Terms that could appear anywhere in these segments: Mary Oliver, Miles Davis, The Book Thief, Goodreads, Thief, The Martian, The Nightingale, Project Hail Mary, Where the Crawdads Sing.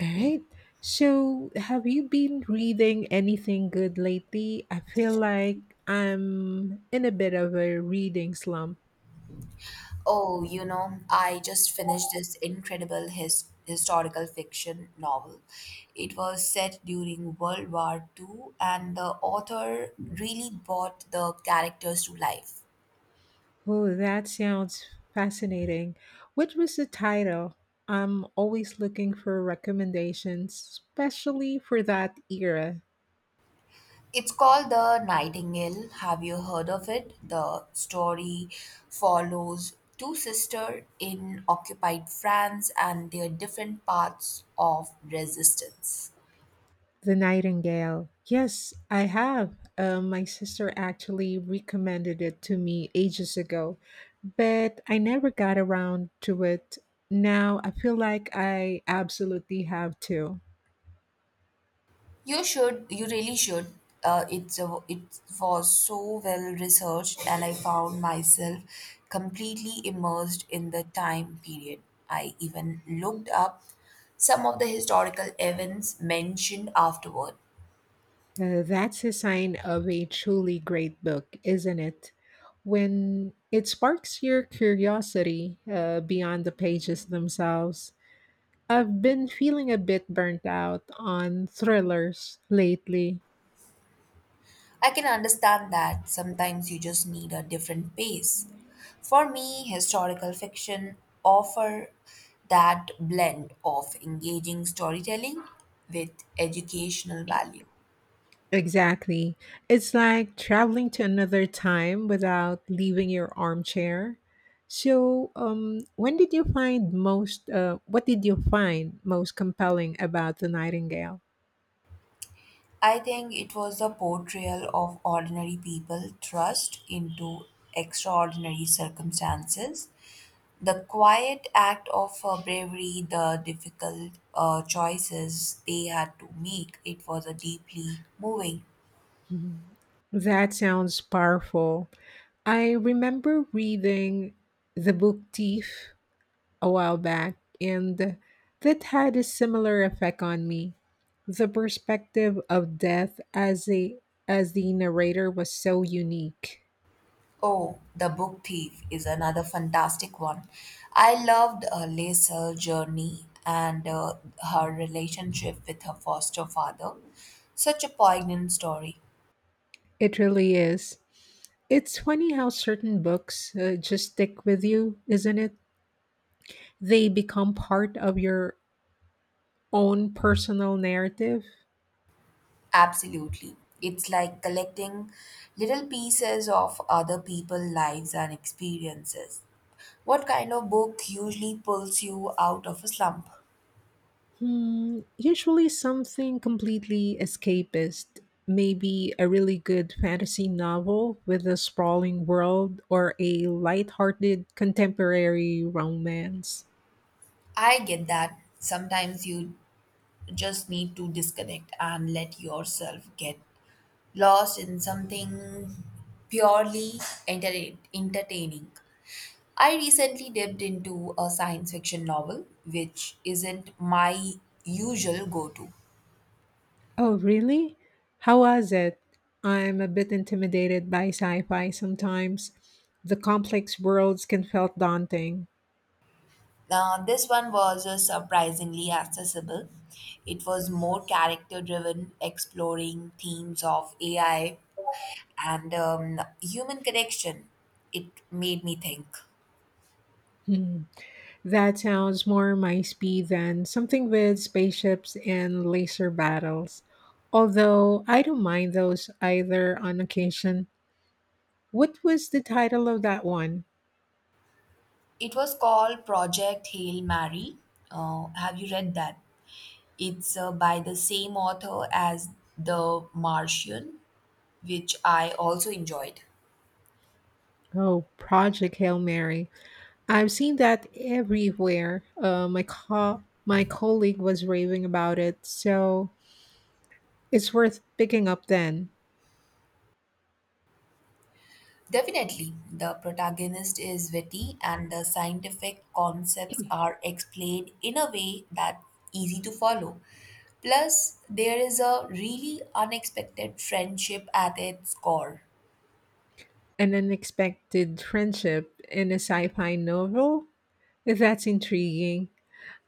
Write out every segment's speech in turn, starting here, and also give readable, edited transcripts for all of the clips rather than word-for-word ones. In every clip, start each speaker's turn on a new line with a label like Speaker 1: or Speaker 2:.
Speaker 1: All right. So, have you been reading anything good lately? I feel like I'm in a bit of a reading slump.
Speaker 2: Oh, you know, I just finished this incredible historical fiction novel. It was set during World War Two, and the author really brought the characters to life.
Speaker 1: Oh, that sounds fascinating. What was the title? I'm always looking for recommendations, especially for that era.
Speaker 2: It's called The Nightingale. Have you heard of it? The story follows two sisters in occupied France and their different paths of resistance.
Speaker 1: The Nightingale. Yes, I have. My sister actually recommended it to me ages ago, but I never got around to it. Now I feel like I absolutely have to.
Speaker 2: You should. You really should. It was so well researched, and I found myself completely immersed in the time period. I even looked up some of the historical events mentioned afterward.
Speaker 1: That's a sign of a truly great book, isn't it? When it sparks your curiosity beyond the pages themselves. I've been feeling a bit burnt out on thrillers lately.
Speaker 2: I can understand that sometimes you just need a different pace. For me, historical fiction offer that blend of engaging storytelling with educational value.
Speaker 1: Exactly. It's like traveling to another time without leaving your armchair. So, when did you find most, what did you find most compelling about the Nightingale?
Speaker 2: I think it was the portrayal of ordinary people thrust into extraordinary circumstances, the quiet act of bravery, the difficult choices they had to make. It was a deeply moving.
Speaker 1: Mhm. That sounds powerful. I remember reading the book Thief a while back, and that had a similar effect on me. The perspective of death as a as the narrator was so unique.
Speaker 2: Oh, The Book Thief is another fantastic one. I loved Lace journey and her relationship with her foster father. Such a poignant story.
Speaker 1: It really is. It's funny how certain books just stick with you, isn't it? They become part of your own personal narrative.
Speaker 2: Absolutely. It's like collecting little pieces of other people's lives and experiences. What kind of book usually pulls you out of a slump?
Speaker 1: Hmm, usually something completely escapist. Maybe a really good fantasy novel with a sprawling world or a light-hearted contemporary romance.
Speaker 2: I get that. Sometimes you just need to disconnect and let yourself get lost in something purely entertaining. I recently dipped into a science fiction novel, which isn't my usual go to.
Speaker 1: Oh, really? How was it? I'm a bit intimidated by sci fi sometimes. The complex worlds can feel daunting.
Speaker 2: Now, this one was surprisingly accessible. It was more character driven, exploring themes of AI and human connection. It made me think.
Speaker 1: Hmm. That sounds more my speed than something with spaceships and laser battles. Although I don't mind those either on occasion. What was the title of that one?
Speaker 2: It was called Project Hail Mary. Have you read that? It's by the same author as The Martian, which I also enjoyed.
Speaker 1: Oh, Project Hail Mary. I've seen that everywhere. My colleague was raving about it. So it's worth picking up then.
Speaker 2: Definitely, the protagonist is witty and the scientific concepts are explained in a way that's easy to follow. Plus, there is a really unexpected friendship at its core.
Speaker 1: An unexpected friendship in a sci-fi novel? That's intriguing.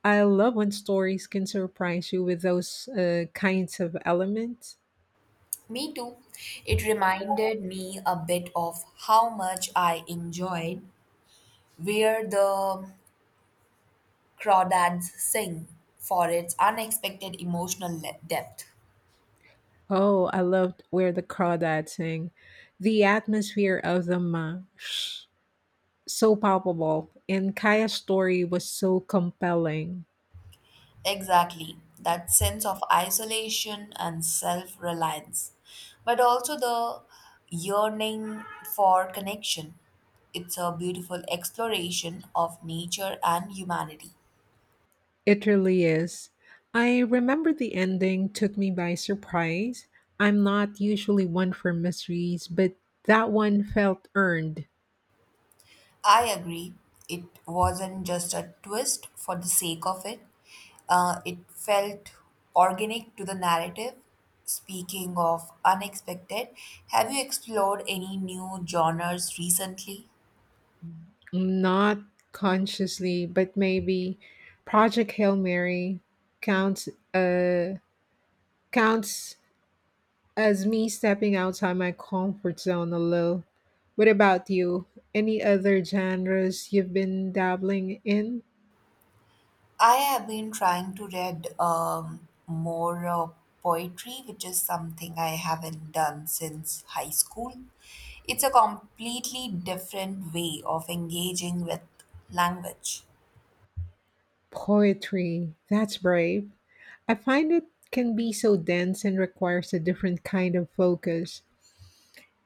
Speaker 1: I love when stories can surprise you with those kinds of elements.
Speaker 2: Me too. It reminded me a bit of how much I enjoyed where the crawdads sing for its unexpected emotional depth.
Speaker 1: Oh, I loved Where the Crawdads Sing. The atmosphere of the marsh so palpable, and Kaya's story was so compelling.
Speaker 2: Exactly, that sense of isolation and self reliance, but also the yearning for connection. It's a beautiful exploration of nature and humanity.
Speaker 1: It really is. I remember the ending took me by surprise. I'm not usually one for mysteries, but that one felt earned.
Speaker 2: I agree, it wasn't just a twist for the sake of it, it felt organic to the narrative. Speaking of unexpected, have you explored any new genres recently?
Speaker 1: Not consciously, but maybe Project Hail Mary counts uh counts as me stepping outside my comfort zone a little. What about you? Any other genres you've been dabbling in?
Speaker 2: I have been trying to read more poetry, which is something I haven't done since high school. It's a completely different way of engaging with language.
Speaker 1: Poetry. That's brave. I find it can be so dense and requires a different kind of focus.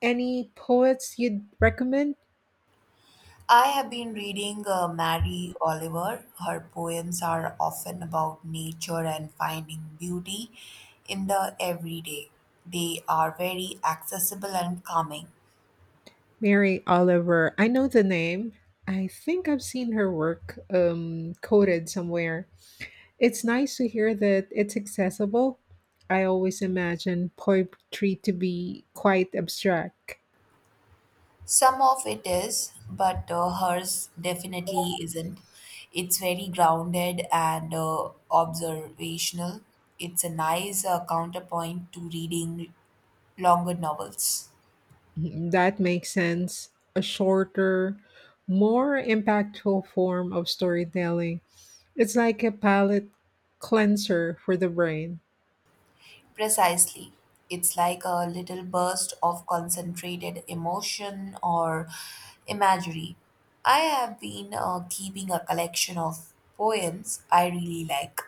Speaker 1: Any poets you'd recommend?
Speaker 2: I have been reading Mary Oliver. Her poems are often about nature and finding beauty in the everyday. They are very accessible and calming.
Speaker 1: Mary Oliver. I know the name. I think I've seen her work quoted somewhere. It's nice to hear that it's accessible. I always imagine poetry to be quite abstract.
Speaker 2: Some of it is, but hers definitely isn't. It's very grounded and observational. It's a nice counterpoint to reading longer novels.
Speaker 1: Mhm, that makes sense. A shorter, more impactful form of storytelling. It's like a palate cleanser for the brain.
Speaker 2: Precisely. It's like a little burst of concentrated emotion or imagery. I have been keeping a collection of poems I really like.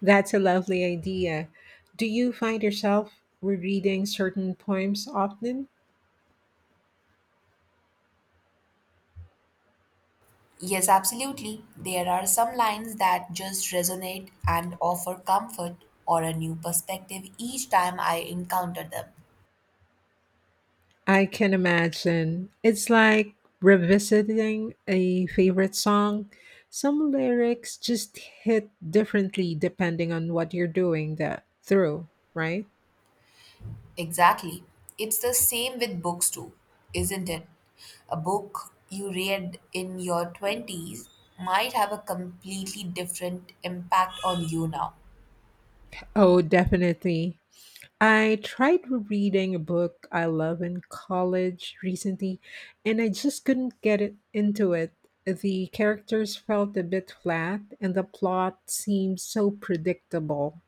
Speaker 1: That's a lovely idea. Do you find yourself rereading certain poems often?
Speaker 2: Yes, absolutely. There are some lines that just resonate and offer comfort or a new perspective each time I encounter them.
Speaker 1: I can imagine. It's like revisiting a favorite song. Some lyrics just hit differently depending on what you're doing that through, right?
Speaker 2: Exactly. It's the same with books, too, isn't it? A book you read in your 20s might have a completely different impact on you now.
Speaker 1: Oh, definitely. I tried reading a book I love in college recently, and I just couldn't get it into it. The characters felt a bit flat, and the plot seemed so predictable.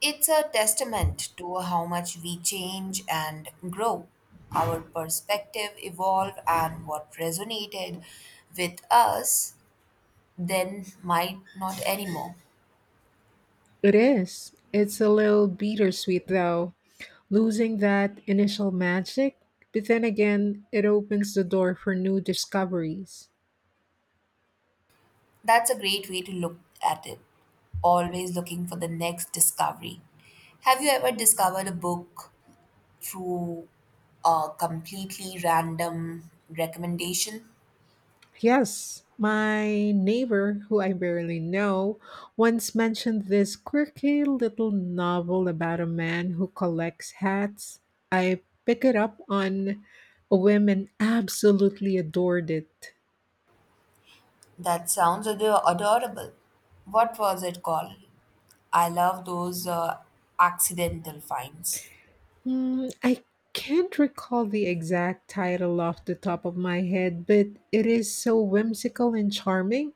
Speaker 2: It's a testament to how much we change and grow. Our perspective evolve and what resonated with us then might not anymore.
Speaker 1: It is. It's a little bittersweet, though, losing that initial magic. But then again, it opens the door for new discoveries.
Speaker 2: That's a great way to look at it. Always looking for the next discovery. Have you ever discovered a book through a completely random recommendation?
Speaker 1: Yes, my neighbor, who I barely know, once mentioned this quirky little novel about a man who collects hats. I picked it up on a whim and absolutely adored it.
Speaker 2: That sounds adorable. What was it called? I love those accidental finds.
Speaker 1: Hmm, I can't recall the exact title off the top of my head, but it is so whimsical and charming.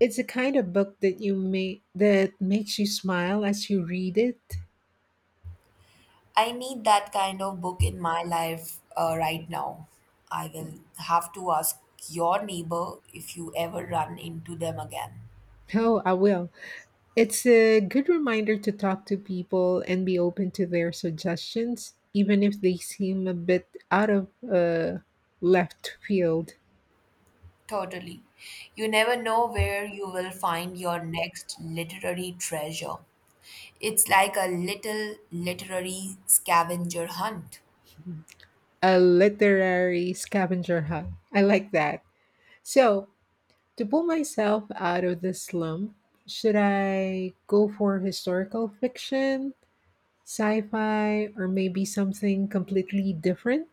Speaker 1: It's a kind of book that makes you smile as you read it.
Speaker 2: I need that kind of book in my life right now. I will have to ask your neighbor if you ever run into them again.
Speaker 1: Oh, I will. It's a good reminder to talk to people and be open to their suggestions, even if they seem a bit out of left field.
Speaker 2: Totally. You never know where you will find your next literary treasure. It's like a little literary scavenger hunt.
Speaker 1: A literary scavenger hunt. I like that. So, to pull myself out of the slump, should I go for historical fiction, sci fi, or maybe something completely different?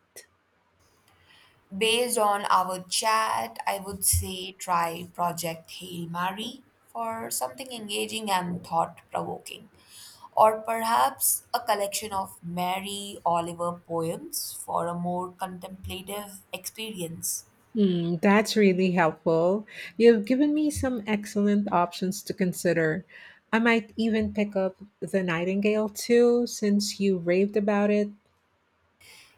Speaker 2: Based on our chat, I would say try Project Hail Mary for something engaging and thought provoking, or perhaps a collection of Mary Oliver poems for a more contemplative experience.
Speaker 1: Mm, that's really helpful. You've given me some excellent options to consider. I might even pick up The Nightingale too, since you raved about it.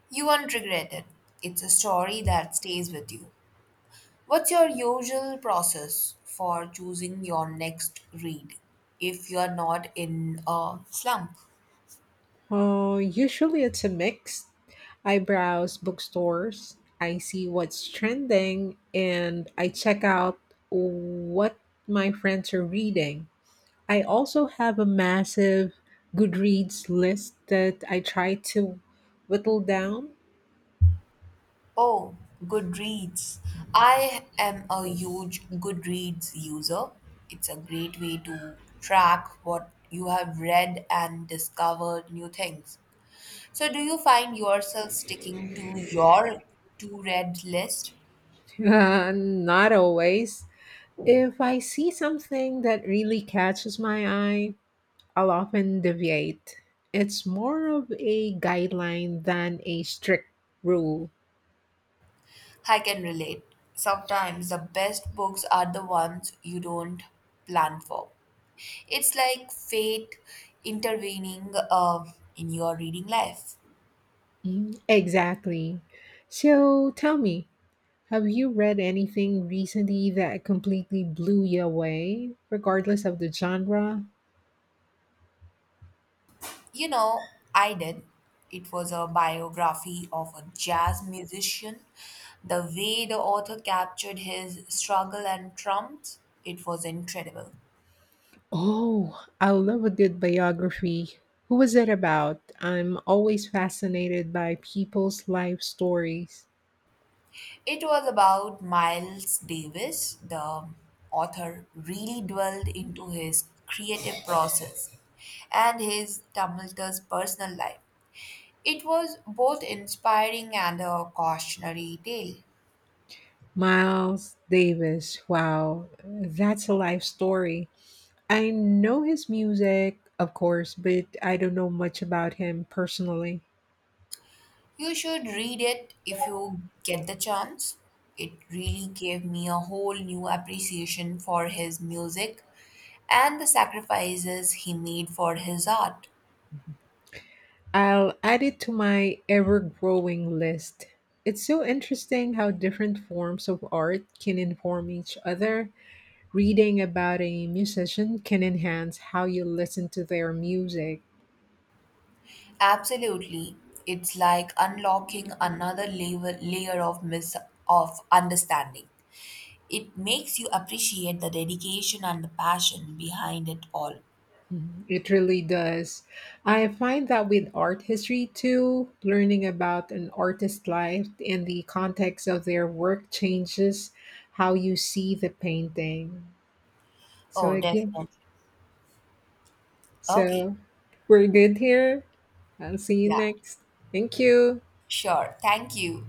Speaker 2: You won't regret it. It's a story that stays with you. What's your usual process for choosing your next read if you're not in a slump?
Speaker 1: Oh, usually it's a mix. I browse bookstores, I see what's trending, and I check out what my friends are reading. I also have a massive Goodreads list that I try to whittle down.
Speaker 2: Oh, Goodreads. I am a huge Goodreads user. It's a great way to track what you have read and discover new things. So, do you find yourself sticking to your to read list?
Speaker 1: Not always. If I see something that really catches my eye, I'll often deviate. It's more of a guideline than a strict rule.
Speaker 2: I can relate. Sometimes the best books are the ones you don't plan for. It's like fate intervening in your reading life.
Speaker 1: Mm, exactly. So tell me, have you read anything recently that completely blew you away, regardless of the genre?
Speaker 2: You know, I did. It was a biography of a jazz musician. The way the author captured his struggle and triumphs, it was incredible.
Speaker 1: Oh, I love a good biography. Who was it about? I'm always fascinated by people's life stories.
Speaker 2: It was about Miles Davis. The author really dwelled into his creative process and his tumultuous personal life. It was both inspiring and a cautionary tale.
Speaker 1: Miles Davis. Wow, that's a life story. I know his music, of course, but I don't know much about him personally.
Speaker 2: You should read it if you get the chance. It really gave me a whole new appreciation for his music and the sacrifices he made for his art.
Speaker 1: I'll add it to my ever growing list. It's so interesting how different forms of art can inform each other. Reading about a musician can enhance how you listen to their music.
Speaker 2: Absolutely. It's like unlocking another layer of understanding. It makes you appreciate the dedication and the passion behind it all.
Speaker 1: Mhm. It really does. I find that with art history too, learning about an artist's life and the context of their work changes how you see the painting. So
Speaker 2: Oh,
Speaker 1: again,
Speaker 2: definitely. Okay.
Speaker 1: So we're good here. I'll see you
Speaker 2: Yeah.
Speaker 1: next. Thank you.
Speaker 2: Sure. Thank you.